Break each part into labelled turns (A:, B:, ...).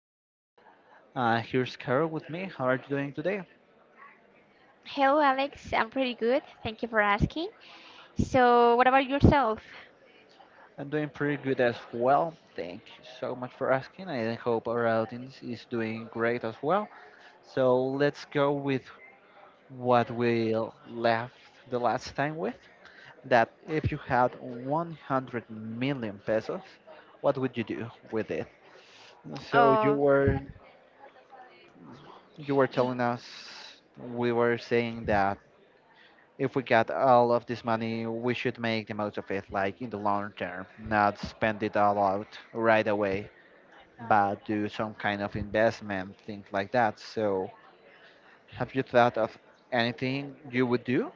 A: podcast. Here's Carol with me. How are you doing today?
B: Hello, Alex. I'm pretty good. Thank you for asking. So, what about yourself?
A: I'm doing pretty good as well. Thank you so much for asking. I hope our audience is doing great as well. So let's go with what we left the last time with. That if you had 100 million pesos, what would you do with it? So you
B: Oh,
A: were you were
B: Y-
A: telling us we were saying that if we got all of this money, we should make the most of it, like in the long term, not spend it all out right away, but do some kind of investment, things like that. So, have you thought of anything you would do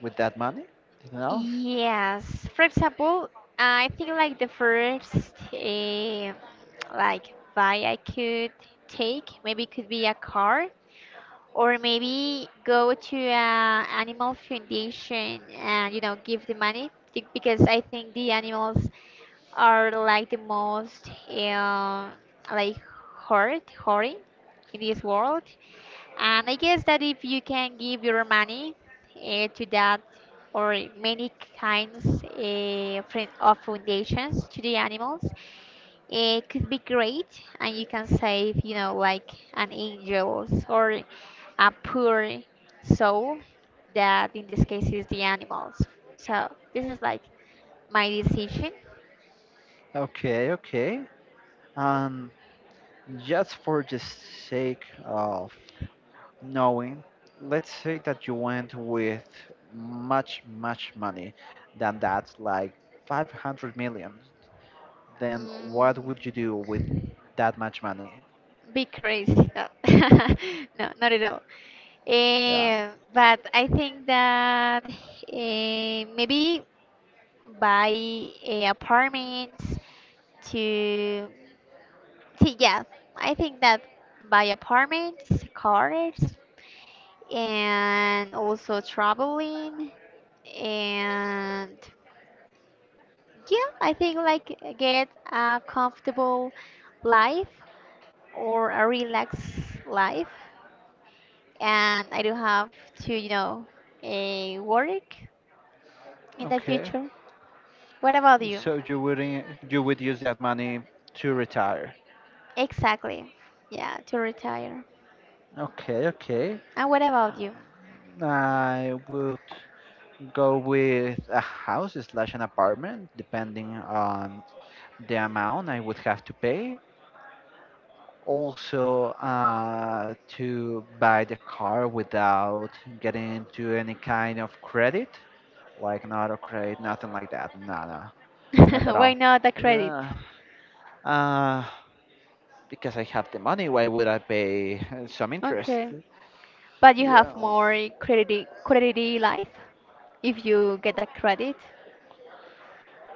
A: with that money? Anything else?
B: yes. For example, I think like the first like buy I could take maybe could be a car or maybe go to a animal foundation and you know give the money because I think the animals are like the most like hurting in this world. And I guess that if you can give your money to that or many kinds of foundations to the animals, it could be great, and you can save, like an angel's or a poor soul that in this case is the animals. So this is like my decision.
A: Okay, okay. Um, just for the sake of knowing, let's say that you went with much, much money than that, like 500 million. Then what would you do with
B: Mm,
A: that much money?
B: be crazy. No, no, not at all.
A: Yeah.
B: But I think that maybe buy apartments to, see, yeah, I think that buy apartments, cars, and also traveling, and yeah, I think like get a comfortable life or a relaxed life and I do have to, work in the
A: Okay,
B: future. What about you?
A: so you would use that money to retire.
B: Exactly. Yeah, to retire.
A: Okay, okay.
B: And what about you?
A: I would go with a house slash an apartment, depending on the amount I would have to pay. Also, to buy the car without getting into any kind of credit, like an auto credit, nothing like that. No, no, not at
B: Why
A: all.
B: not the credit?
A: Uh, because I have the money, why would I pay some interest?
B: Okay. But you
A: Yeah,
B: have more credit life if you get that credit.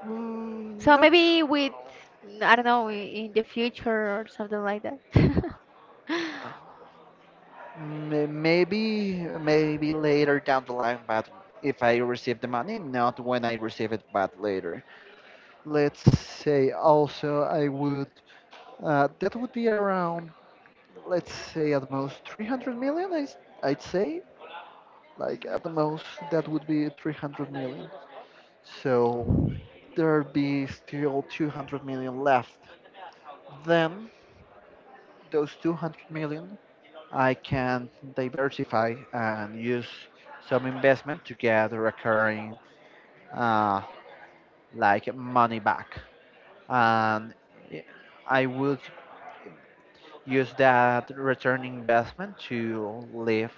A: mm,
B: So
A: not. Su-
B: maybe with I don't know in the future or something like that.
A: uh, may- Maybe, maybe later down the line, but if I receive the money, not when I receive it, but later. Let's say also I would. That would be around, let's say at most 300 million. I'd say, like
B: Mhm.
A: at the most, that would be 300 million. So there'd be still 200 million left. Then those 200 million I can diversify and use some investment to get recurring uh, like money back. And i- would use that return investment to live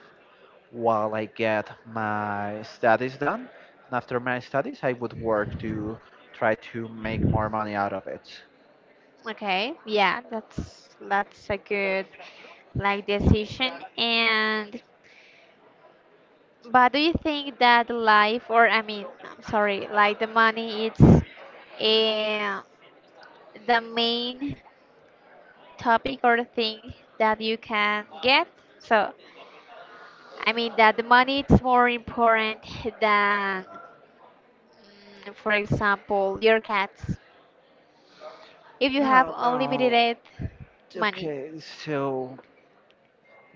A: while I get my studies done. And after my studies, I would work to try to make more money out of it.
B: Okay, yeah, that's a good like decision and but do you think that life, or I mean, I'm sorry, like the money, it's the main topic or thing that you can get? So, I mean that the money is more important than, for example, your cats. If you have
A: No, no.
B: unlimited money.
A: Okay, so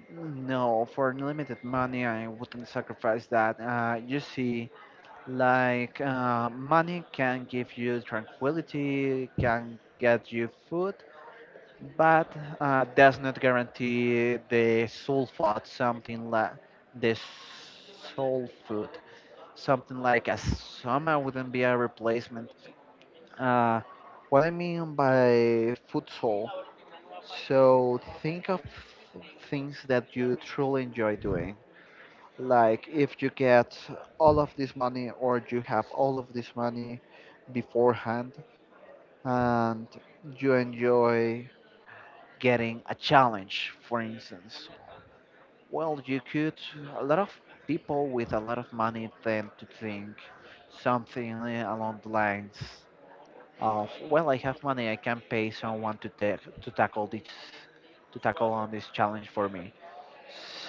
A: no, for unlimited money, I wouldn't sacrifice that. You see, like money can give you tranquility, can get you food, but does not guarantee the soul food, something like the soul food, something like a soma wouldn't be a replacement. Uh, what I mean by food soul, so think of things that you truly enjoy doing like if you get all of this money or you have all of this money beforehand and you enjoy getting a challenge, for instance, well, you could. A lot of people with a lot of money tend to think something along the lines of, well, I have money, I can pay someone to take to tackle this to tackle on this challenge for me.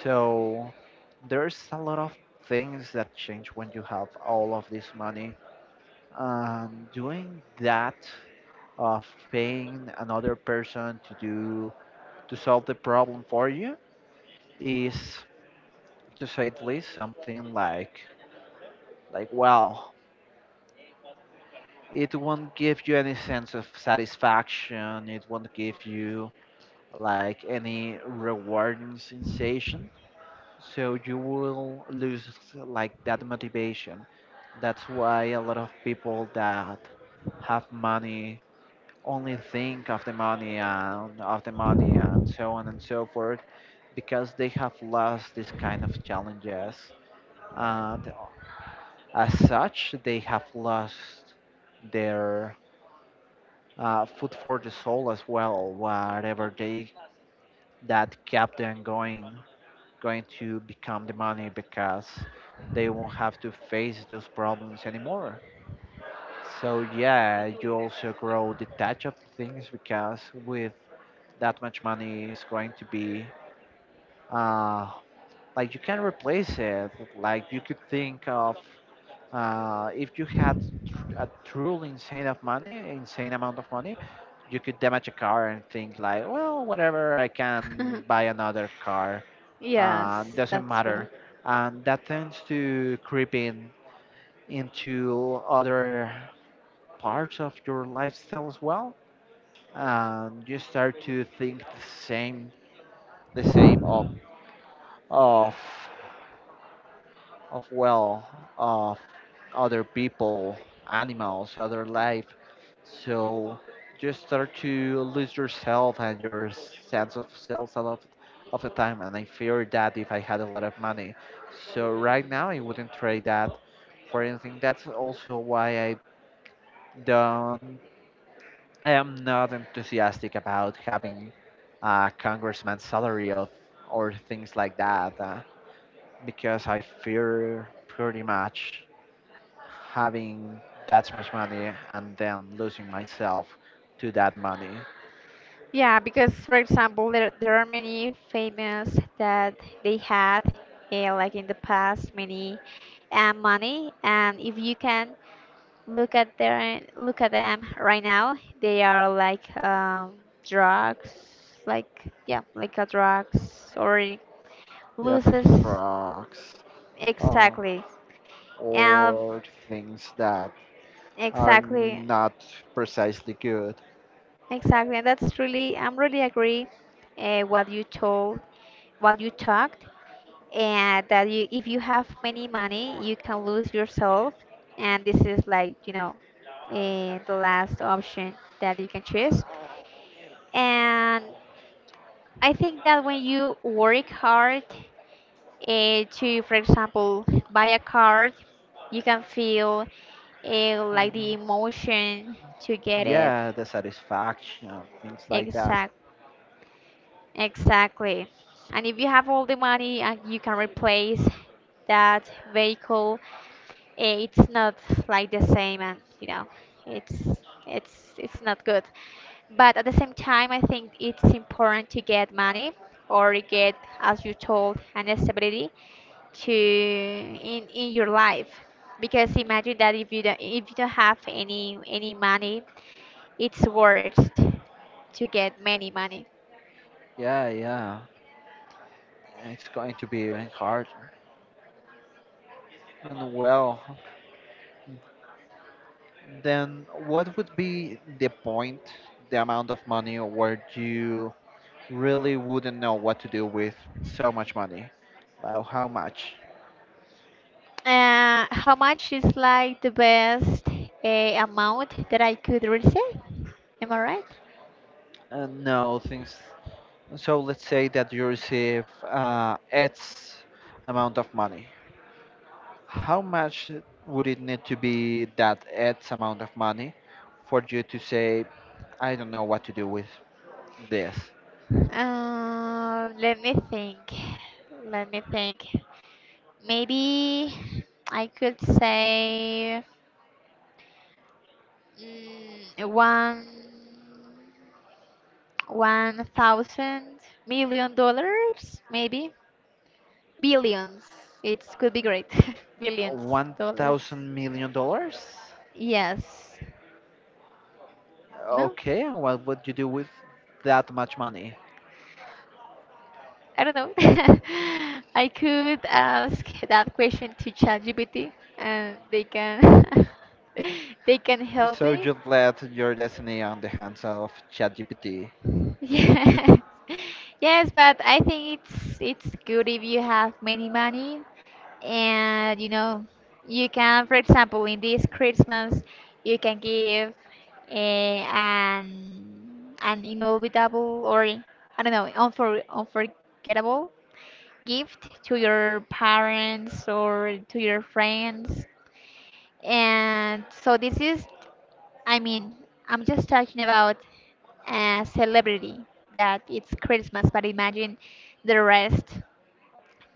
A: So there's a lot of things that change when you have all of this money. Doing that of paying another person to do to solve the problem for you is, to say at least, something like well, it won't give you any sense of satisfaction. It won't give you like any rewarding sensation. So you will lose like that motivation. That's why a lot of people that have money only think of the money and of the money and so on and so forth because they have lost this kind of challenges and as such they have lost their food for the soul as well, whatever they that kept them going going to become the money because they won't have to face those problems anymore. So yeah, you also grow detached of things because with that much money is going to be uh, like you can replace it. Like you could think of if you had a truly insane of money, insane amount of money, you could damage a car and think like, well, whatever, I can buy another car.
B: Yes,
A: Doesn't
B: that's true.
A: matter, and that tends to creep in into other parts of your lifestyle as well, and you start to think the same, the same of of of well of other people, animals, other life. So just start to lose yourself and your sense of self a lot of the time. And I fear that if I had a lot of money, so right now I wouldn't trade that for anything. That's also why I don't. I am not enthusiastic about having a congressman's salary of or things like that because I fear pretty much having that much money and then losing myself to that money.
B: Yeah, because for example, there are many famous that they had like in the past many money, and if you can look at them right now, they are like drugs, like yeah, like a drugs or
A: Yeah, they do
B: loses
A: drugs, um,
B: exactly, and
A: or things that are
B: exactly,
A: not precisely good.
B: exactly. And that's really I'm really agree uh, what you told, what you talked. And that you if you have many money you can lose yourself and this is like the last option that you can choose and I think that when you work hard to for example buy a car you can feel like
A: Um,
B: the emotion to get it.
A: Yeah, the satisfaction, things like that.
B: exact exactly. And if you have all the money and you can replace that vehicle, it's not like the same and it's it's not good. But at the same time I think it's important to get money or get as you told an stability to in your life because imagine that if you don't have any money, it's worst to get many money.
A: Yeah, yeah, it's going to be even harder. And well, then what would be the point, the amount of money where you really wouldn't know what to do with so much money. Well, how much?
B: How much is like the best amount that I could receive, am I right?
A: No, things. So let's say that you receive X amount of money. How much would it need to be that X amount of money for you to say, I don't know what to do with this?
B: Let me think. Let me think. Maybe I could say one one thousand million dollars, maybe billions. It could be great. Billions
A: One
B: dollars.
A: thousand million dollars?
B: Yes. No,
A: Okay, and what would you do with that much money?
B: I don't know. I could ask that question to ChatGPT and they can they can help
A: So
B: me.
A: just let your destiny on the hands of ChatGPT.
B: Yeah. Yes, but I think it's good if you have many money and you can for example in this Christmas you can give an inolvidable or I don't know unforgettable gift to your parents or to your friends and so this is, I mean, I'm just talking about a celebrity that it's Christmas, but imagine the rest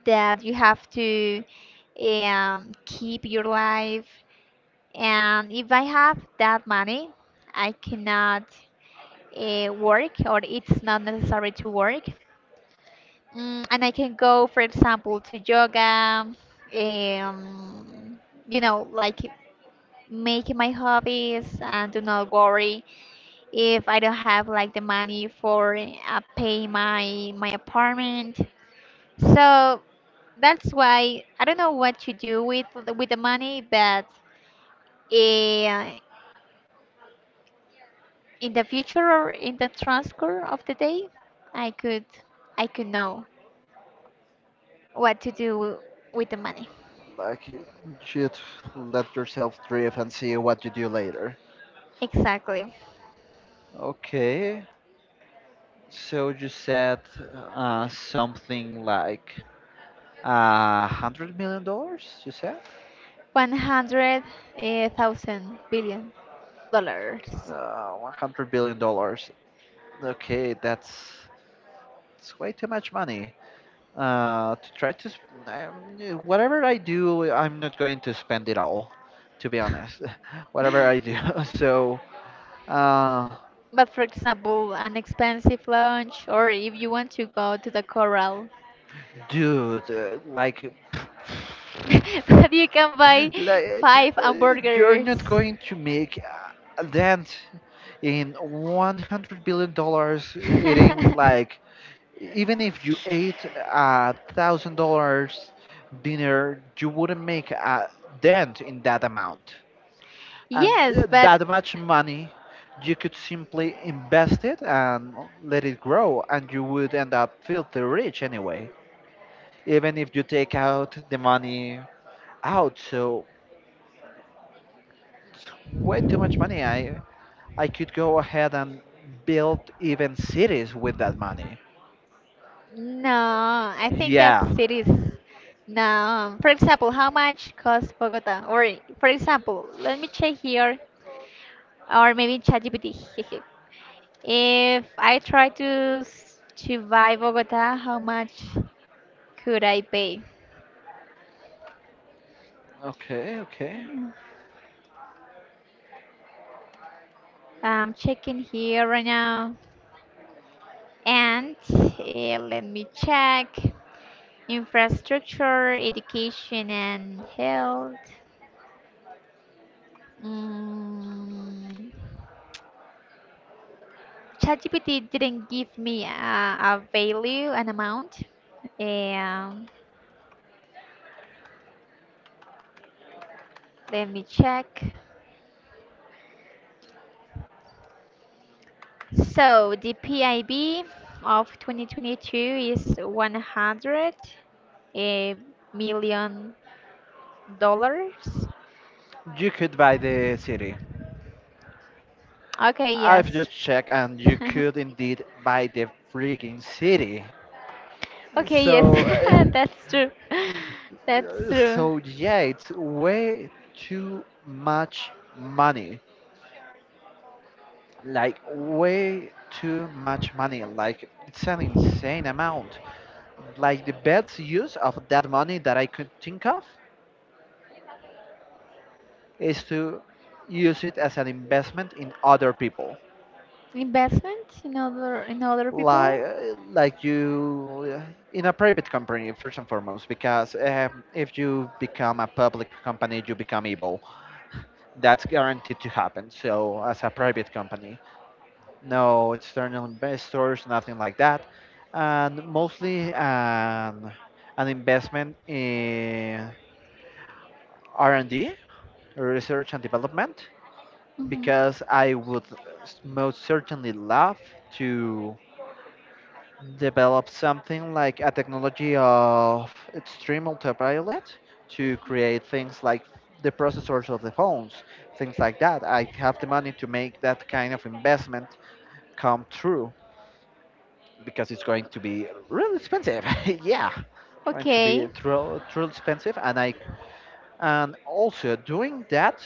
B: that you have to keep your life. And if I have that money, I cannot work, or it's not necessary to work. And I can go, for example, to yoga, um, like make my hobbies and do not worry if I don't have like the money for pay my apartment. So that's why I don't know what to do with with the money, but uh, in the future or in the transcourse of the day, I could I could know what to do with the money.
A: Like you should let yourself drift and see what you do later.
B: Exactly,
A: Okay, so you said something like $100,000,000. You said
B: one hundred eh, thousand billion dollars.
A: $100,000,000,000. Okay, that's it's way too much money. To try to sp- Yeah, whatever I do, I'm not going to spend it all. To be honest, whatever I do. So, uh,
B: But for example, an expensive lunch, or if you want to go to the coral,
A: like.
B: but you can buy
A: Like
B: five
A: uh, you're
B: hamburgers.
A: not going to make a dent in 100 dollars eating like even if you ate $1,000 dinner you wouldn't make a dent in that amount. And
B: Yes, but
A: that much money you could simply invest it and let it grow and you would end up filthy rich anyway even if you take out the money out. So way too much money. I could go ahead and build even cities with that money.
B: no, I think that
A: Yeah.
B: cities. No, for example, how much costs Bogota? Or for example, let me check here, or maybe ChatGPT. If I try to to buy Bogota, how much could I pay?
A: Okay, okay.
B: I'm checking here right now. And let me check infrastructure, education, and health. Mm, ChatGPT didn't give me a value, an amount. And let me check. So the PIB of 2022 is 100 eh, million dollars.
A: You could buy the city.
B: Okay,
A: I've just
B: yes.
A: checked and you could indeed buy the freaking city.
B: Okay, yes,
A: So
B: that's true. That's true.
A: so yeah, it's way too much money. Like way too much money. Like it's an insane amount, like the best use of that money that I could think of is to use it as an investment in other people,
B: Investment in other people.
A: like you in a private company, first and foremost, because if you become a public company you become evil, that's guaranteed to happen. So as a private company, no external investors, nothing like that, and mostly an investment in r&d, research and development,
B: Hmm.
A: because I would most certainly love to develop something like a technology of extreme ultraviolet to create things like the processors of the phones, things like that. I have the money to make that kind of investment come true because it's going to be really expensive. Yeah, going to be
B: Okay.
A: truly expensive, and I and also doing that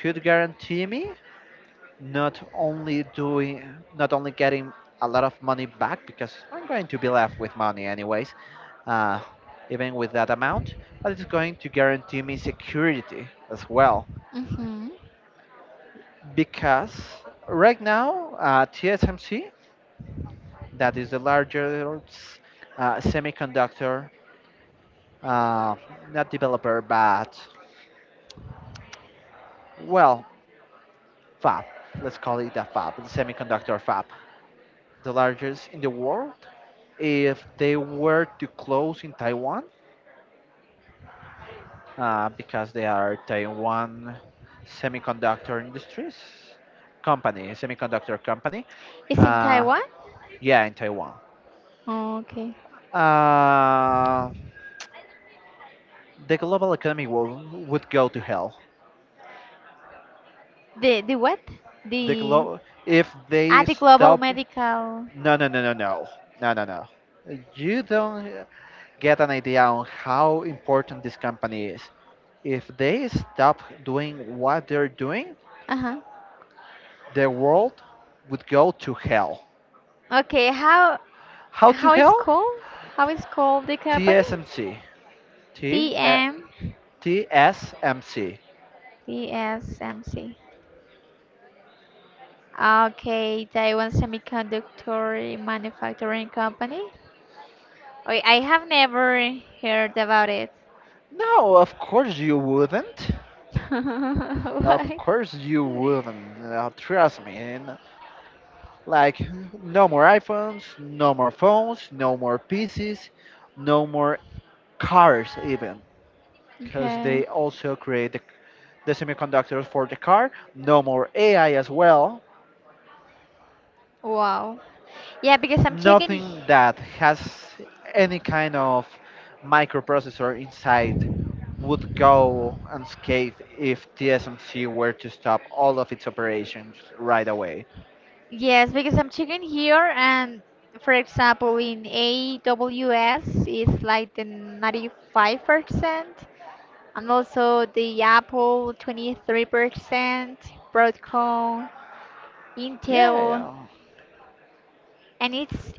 A: could guarantee me not only doing not only getting a lot of money back because I'm going to be left with money anyways uh, even with that amount, but it's going to guarantee me security as well
B: Mm-hmm.
A: because right now tsmc, that is the largest semiconductor uh, not developer but well fab, let's call it a fab, the semiconductor fab, the largest in the world. If they were to close in Taiwan, because they are Taiwan Semiconductor Industries company, semiconductor company.
B: It's in
A: Uh,
B: Taiwan.
A: yeah, in Taiwan.
B: Okay.
A: Uh, the global economy would go to hell.
B: The what?
A: The
B: The
A: glo- if
B: ah
A: they
B: the global
A: stop,
B: medical.
A: no, no, no, no, no, no, no, no. You don't get an idea on how important this company is. If they stop doing what they're doing,
B: Uh huh.
A: the world would go to hell.
B: Okay. How
A: How to
B: how it's
A: hell?
B: called? How it's called the company?
A: TSMC.
B: T
A: T
B: M
A: TSMC.
B: TSMC. Okay, Taiwan Semiconductor Manufacturing Company. Oh, I have never heard about it.
A: No, of course you wouldn't. Of
B: Why?
A: course you wouldn't. Trust me. And, like, no more iPhones, no more phones, no more PCs, no more cars even, because
B: Okay.
A: they also create the semiconductors for the car. No more AI as well.
B: Wow. Yeah, because I'm checking.
A: Nothing that has any kind of microprocessor inside would go unscathed if TSMC were to stop all of its operations right away.
B: Yes, because I'm checking here, and for example, in AWS, it's like the 95%, and also the Apple 23%, Broadcom,
A: Yeah,
B: Intel,
A: yeah.
B: and it's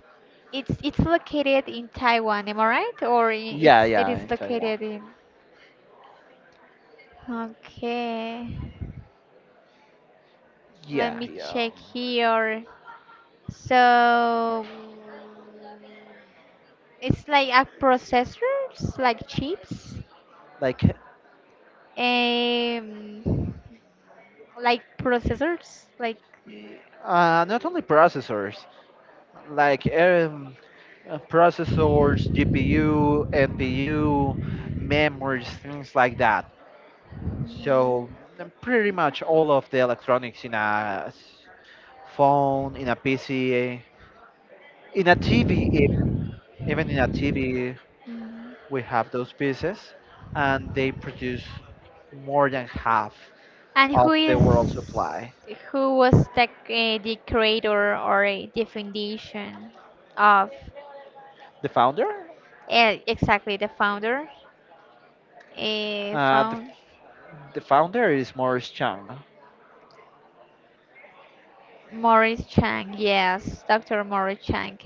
B: it's it's located in Taiwan, am I right? Or
A: Yeah,
B: it
A: yeah, in
B: is
A: Taiwan.
B: located in. Okay, let
A: Yeah,
B: me
A: yeah.
B: check here. So it's like a processors, like chips,
A: Like,
B: um, like processors, like.
A: not only processors, like processors, GPU, NPU, memories, things like that.
B: Mhm,
A: So mm, pretty much all of the electronics in a phone, in a PC, in a TV, even in a TV,
B: mhm.
A: we have those pieces, and they produce more than half
B: And
A: of the world supply.
B: who was the creator or the foundation of
A: The founder,
B: exactly the founder?
A: uh, the,
B: Found
A: the founder is Morris Chang.
B: Morris Chang, yes, Dr. Morris Chang.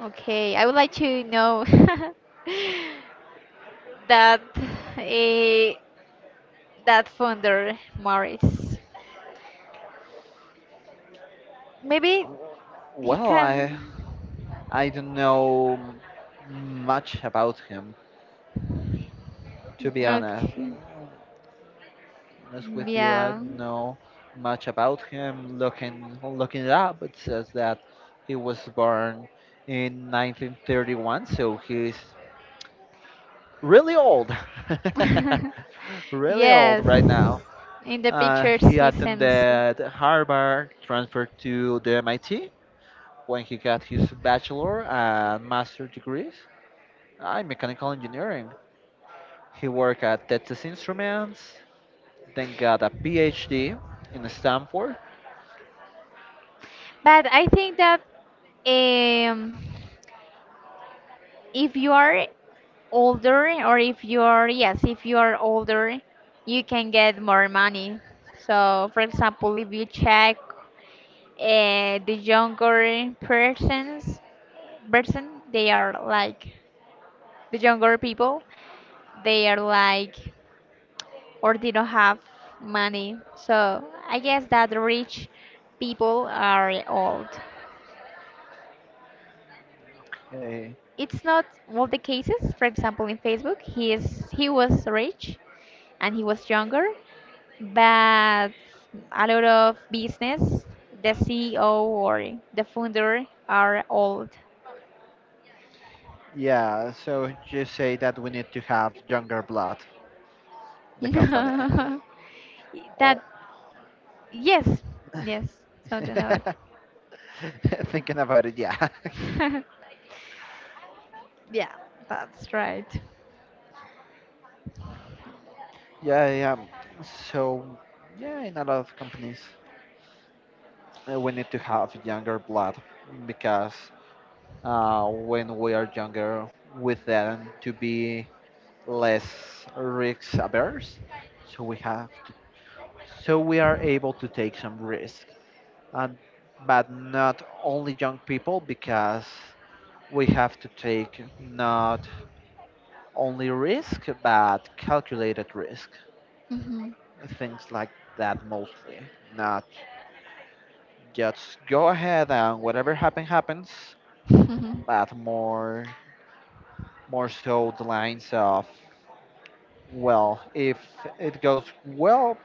B: Okay, I would like to know that eh, that founder Morris. Maybe he
A: Well,
B: can.
A: I don't know much about him, to be honest.
B: Okay.
A: Honest with you, I
B: Yeah.
A: don't know much about him. Looking it up, it says that he was born in 1931, so he's really old, really old
B: Yes.
A: right now.
B: In the pictures
A: He
B: he sends.
A: attended Harvard, transferred to the MIT when he got his bachelor and master degrees in mechanical engineering. He worked at Texas Instruments, then got a PhD in Stanford.
B: But I think that um, if you are older, or if you are, yes, if you are older, you can get more money. So, for example, if you check the younger person they are like the younger people they are like or they don't have money so I guess that rich people are old.
A: Uh,
B: It's not all the cases, for example, in Facebook he was rich and he was younger, but a lot of business the CEO or the founder are old.
A: Yeah, so just say that we need to have younger blood, the company.
B: That.
A: Oh.
B: Yes, yes, something about it.
A: Thinking about it, yeah.
B: Yeah, that's right.
A: Yeah, yeah. So, yeah, in a lot of companies, we need to have younger blood because when we are younger, we tend to be less risk averse. So we have to, so we are able to take some risk. And but not only young people because we have to take not only risk but calculated risk
B: Hmm.
A: things like that mostly not just go ahead and whatever happen happens but more so the lines of well if it goes well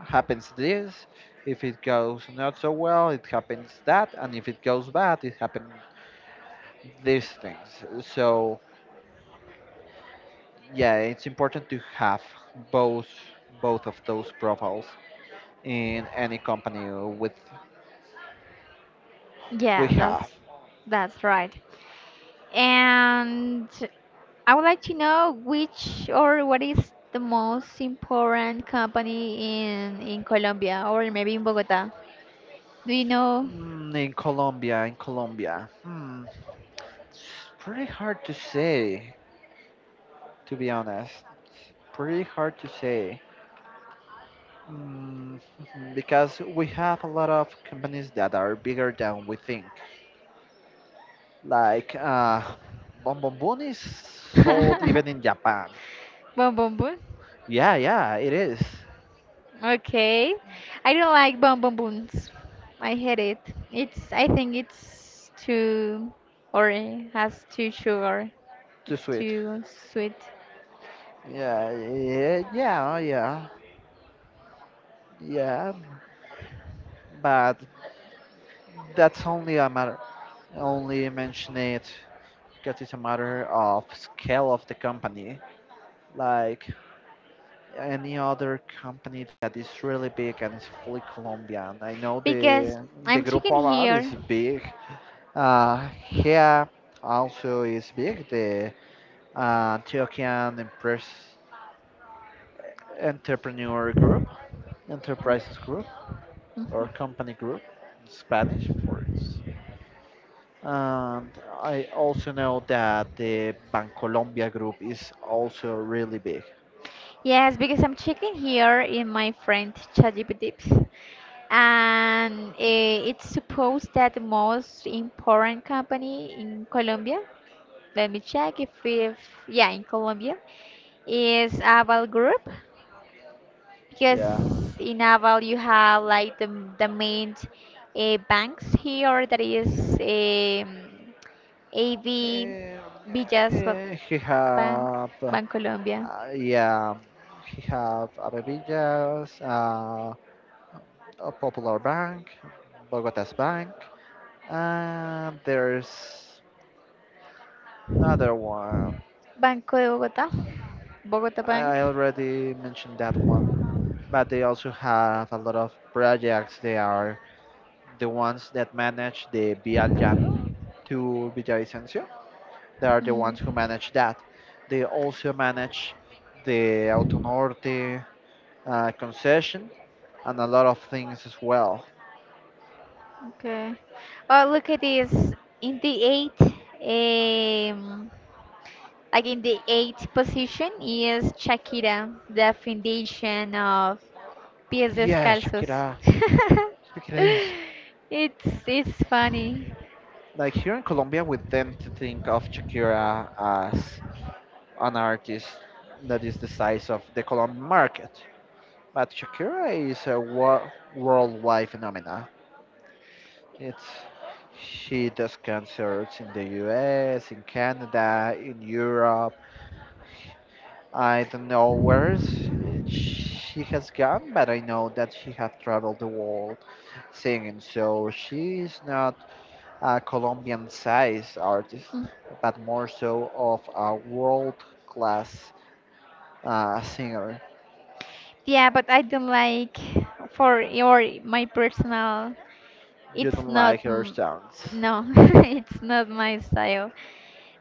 A: happens this, if it goes not so well it happens that, and if it goes bad it happens these things. So yeah, it's important to have both of those profiles in any company with we
B: Yeah,
A: have.
B: that's right. And I would like to know which or what is the most important company in Colombia or maybe in Bogota. Do you know?
A: Mm, in Colombia, hmm, it's pretty hard to say, to be honest. It's pretty hard to say. Mm, because we have a lot of companies that are bigger than we think. Like Bon Bon Bon is sold even in Japan.
B: Bon Bon Bon?
A: Yeah, yeah, it is.
B: Okay. I don't like Bon Bon Boons. I hate it. It's I think it's too or it has too sugar.
A: Too
B: It's
A: sweet.
B: too sweet.
A: Yeah, yeah, yeah, yeah, yeah, but that's only a matter, only mention it because it's a matter of scale of the company. Like any other company that is really big and is fully Colombian. I know
B: Because
A: the
B: I'm
A: Grupo
B: chicken
A: Aval is
B: here.
A: big. Here also is big, the Antiochian Empress Entrepreneur Group, Enterprises Group or
B: Mhm.
A: company group in Spanish for it. And I also know that the Bancolombia group is also really big.
B: Yes, because I'm checking here in my friend ChatGPT, and it's supposed that the most important company in Colombia, let me check if yeah, in Colombia, is Aval Group, because
A: Yeah.
B: in Naval you have like the main banks here that is um, AB,
A: Um,
B: Villas
A: he
B: Bank,
A: have,
B: Bank Colombia,
A: yeah, he have Abevillas, a Popular Bank, Bogota's Bank, and there's another one.
B: Banco de Bogotá, Bogota Bank.
A: I already mentioned that one, but they also have a lot of projects. They are the ones that manage the Via Llano to Villavicencio. They are the
B: Mm,
A: ones who manage that. They also manage the Autonorte concession and a lot of things as well.
B: okay. Well, look at this. In the eighth, um, like in the eighth position is Shakira, the foundation of pies
A: Yeah,
B: descalzos.
A: Shakira. Shakira is
B: It's funny.
A: like here in Colombia, we tend to think of Shakira as an artist that is the size of the Colombian market, but Shakira is a worldwide phenomena. It's she does concerts in the US, in Canada, in Europe. I don't know where's she has gone, but I know that she has traveled the world singing. So she is not a Colombian size artist,
B: Mm.
A: but more so of a world class singer.
B: Yeah, but I don't like for your my personal.
A: You
B: It's
A: don't
B: not
A: like her sounds.
B: no, it's not my style.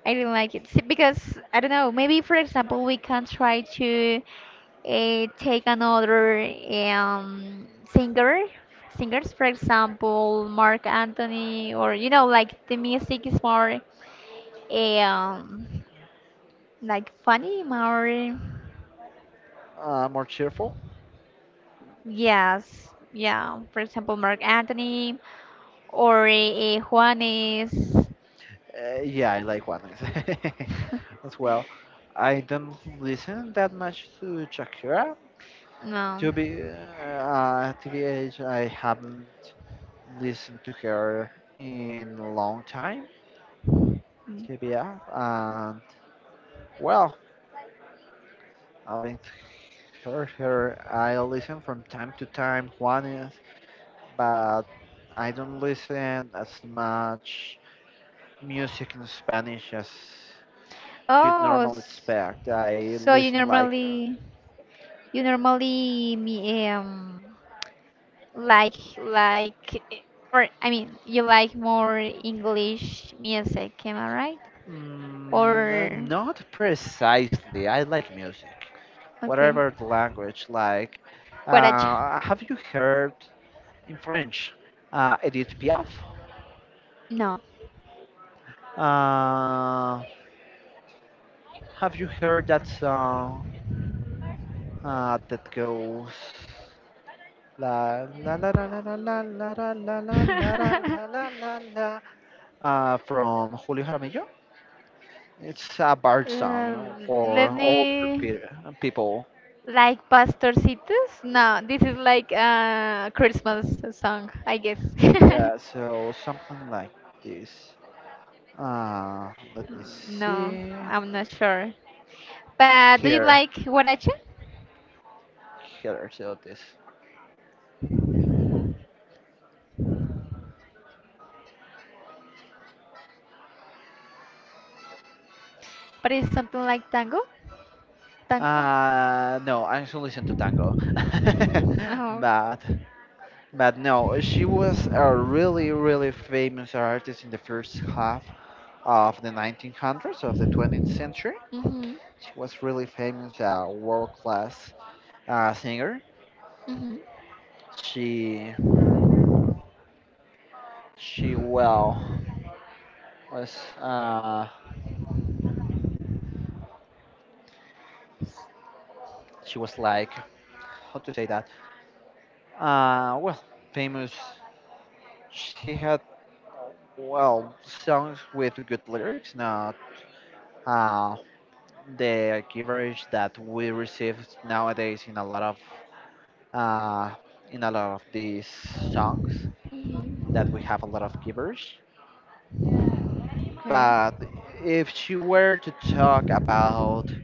B: I don't like it. See, because I don't know. Maybe for example, we can try to take another um singer, singers. For example, Mark Anthony, or like the music is more eh, um like funny more,
A: More cheerful?
B: yes, yeah. For example, Mark Anthony or Juanes.
A: Yeah, I like Juanes as well. I don't listen that much to Shakira.
B: No.
A: To be at the age, I haven't listened to her in a long time.
B: Mm.
A: To be honest, and well, I mean, heard her. I listen from time to time Juanes, but I don't listen as much music in Spanish as you'd
B: Oh,
A: normally expect. I
B: so
A: listen like
B: you normally me or I mean you like more English music, am I right?
A: Mm,
B: Or
A: not precisely. I like music,
B: okay,
A: whatever the language. Like,
B: what a
A: have you heard in French, Edith Piaf?
B: no.
A: Uh, have you heard that song that goes la la la la la la la la la la la la la la la la from Julio Jaramillo? It's a bard song
B: Um,
A: for
B: let
A: older
B: me
A: people.
B: Like pastorcitos? No, this is like a Christmas song, I guess.
A: Yeah, so something like this. Let me
B: No,
A: see.
B: I'm not sure. But do you
A: Here,
B: like guaracha?
A: here, so this.
B: But it's something like tango? Tango?
A: No, I should listen to tango.
B: Oh.
A: but, but no, she was a really, really famous artist in the first half of the 1900s, of the 20th century.
B: Mm-hmm.
A: She was really famous, a world-class singer.
B: Mm-hmm.
A: She, she well was, she was like, how to say that? Well, famous. She had well songs with good lyrics, not uh, the gibberish that we receive nowadays in a lot of uh, in a lot of these songs that we have a lot of gibberish.
B: Mm-hmm. Okay.
A: But if she were to talk about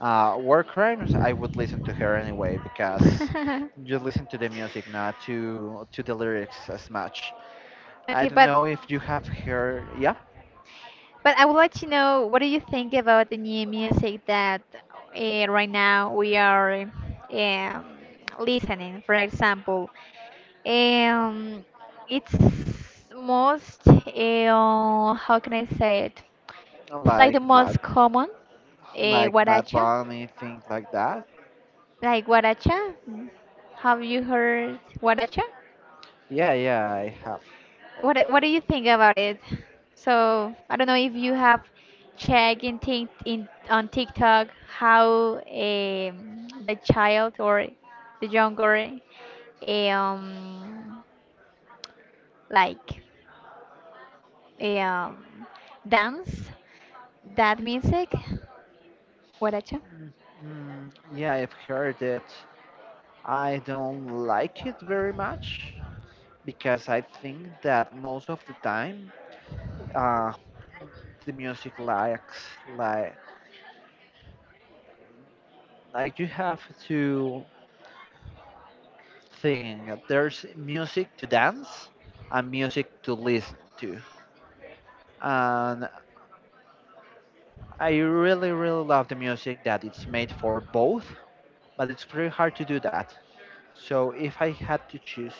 A: war crimes, I would listen to her anyway because you listen to the music, not to the lyrics as much. I
B: Okay,
A: don't
B: but
A: know if you have heard, yeah,
B: But I would like to know what do you think about the new music that right now we are um, listening? For example, um, it's most how can I say it? It's like the
A: like bad,
B: most common uh,
A: like Bad
B: guaracha,
A: Bunny, things like that.
B: like guaracha. Have you heard guaracha?
A: Yeah, yeah, I have.
B: What do you think about it? So I don't know if you have checked in, Tik in on TikTok how the child or the younger um like um dance that music. What at you?
A: Mm, yeah, I've heard it. I don't like it very much because I think that most of the time, uh, the music lacks like like you have to think. There's music to dance and music to listen to, and I really, really love the music that it's made for both, but it's pretty hard to do that. So if I had to choose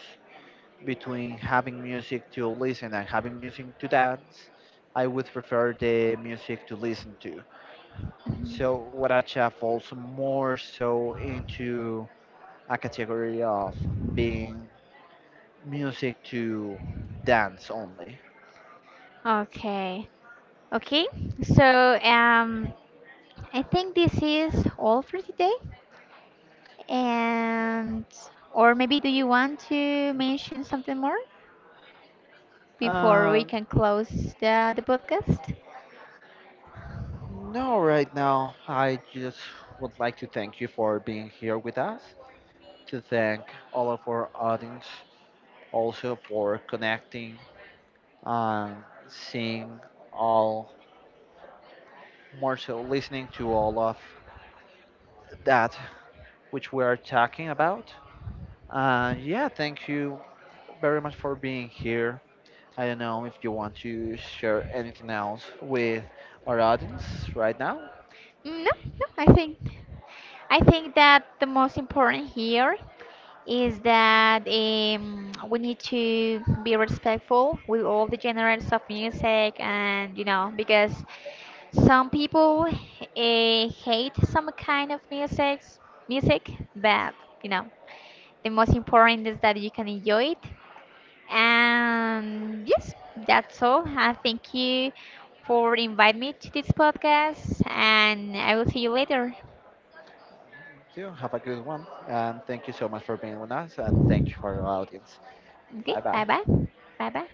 A: between having music to listen and having music to dance, I would prefer the music to listen to. So Huaracha falls more so into a category of being music to dance only.
B: Okay. Okay. So I think this is all for today. And or maybe do you want to mention something more before we
A: Uh,
B: can close the podcast?
A: no, right now I just would like to thank you for being here with us. To thank all of our audience also for connecting and seeing all, more so listening to all of that which we are talking about. Yeah, thank you very much for being here. I don't know if you want to share anything else with our audience right now.
B: No, no, I think that the most important here is that we need to be respectful with all the genres of music and because some people hate some kind of music but you know the most important is that you can enjoy it. And yes, that's all. I thank you for inviting me to this podcast, and I will see you later.
A: Do have a good one. And thank you so much for being with us. And thank you for our audience.
B: Okay,
A: Bye
B: bye
A: bye.
B: bye. Bye bye.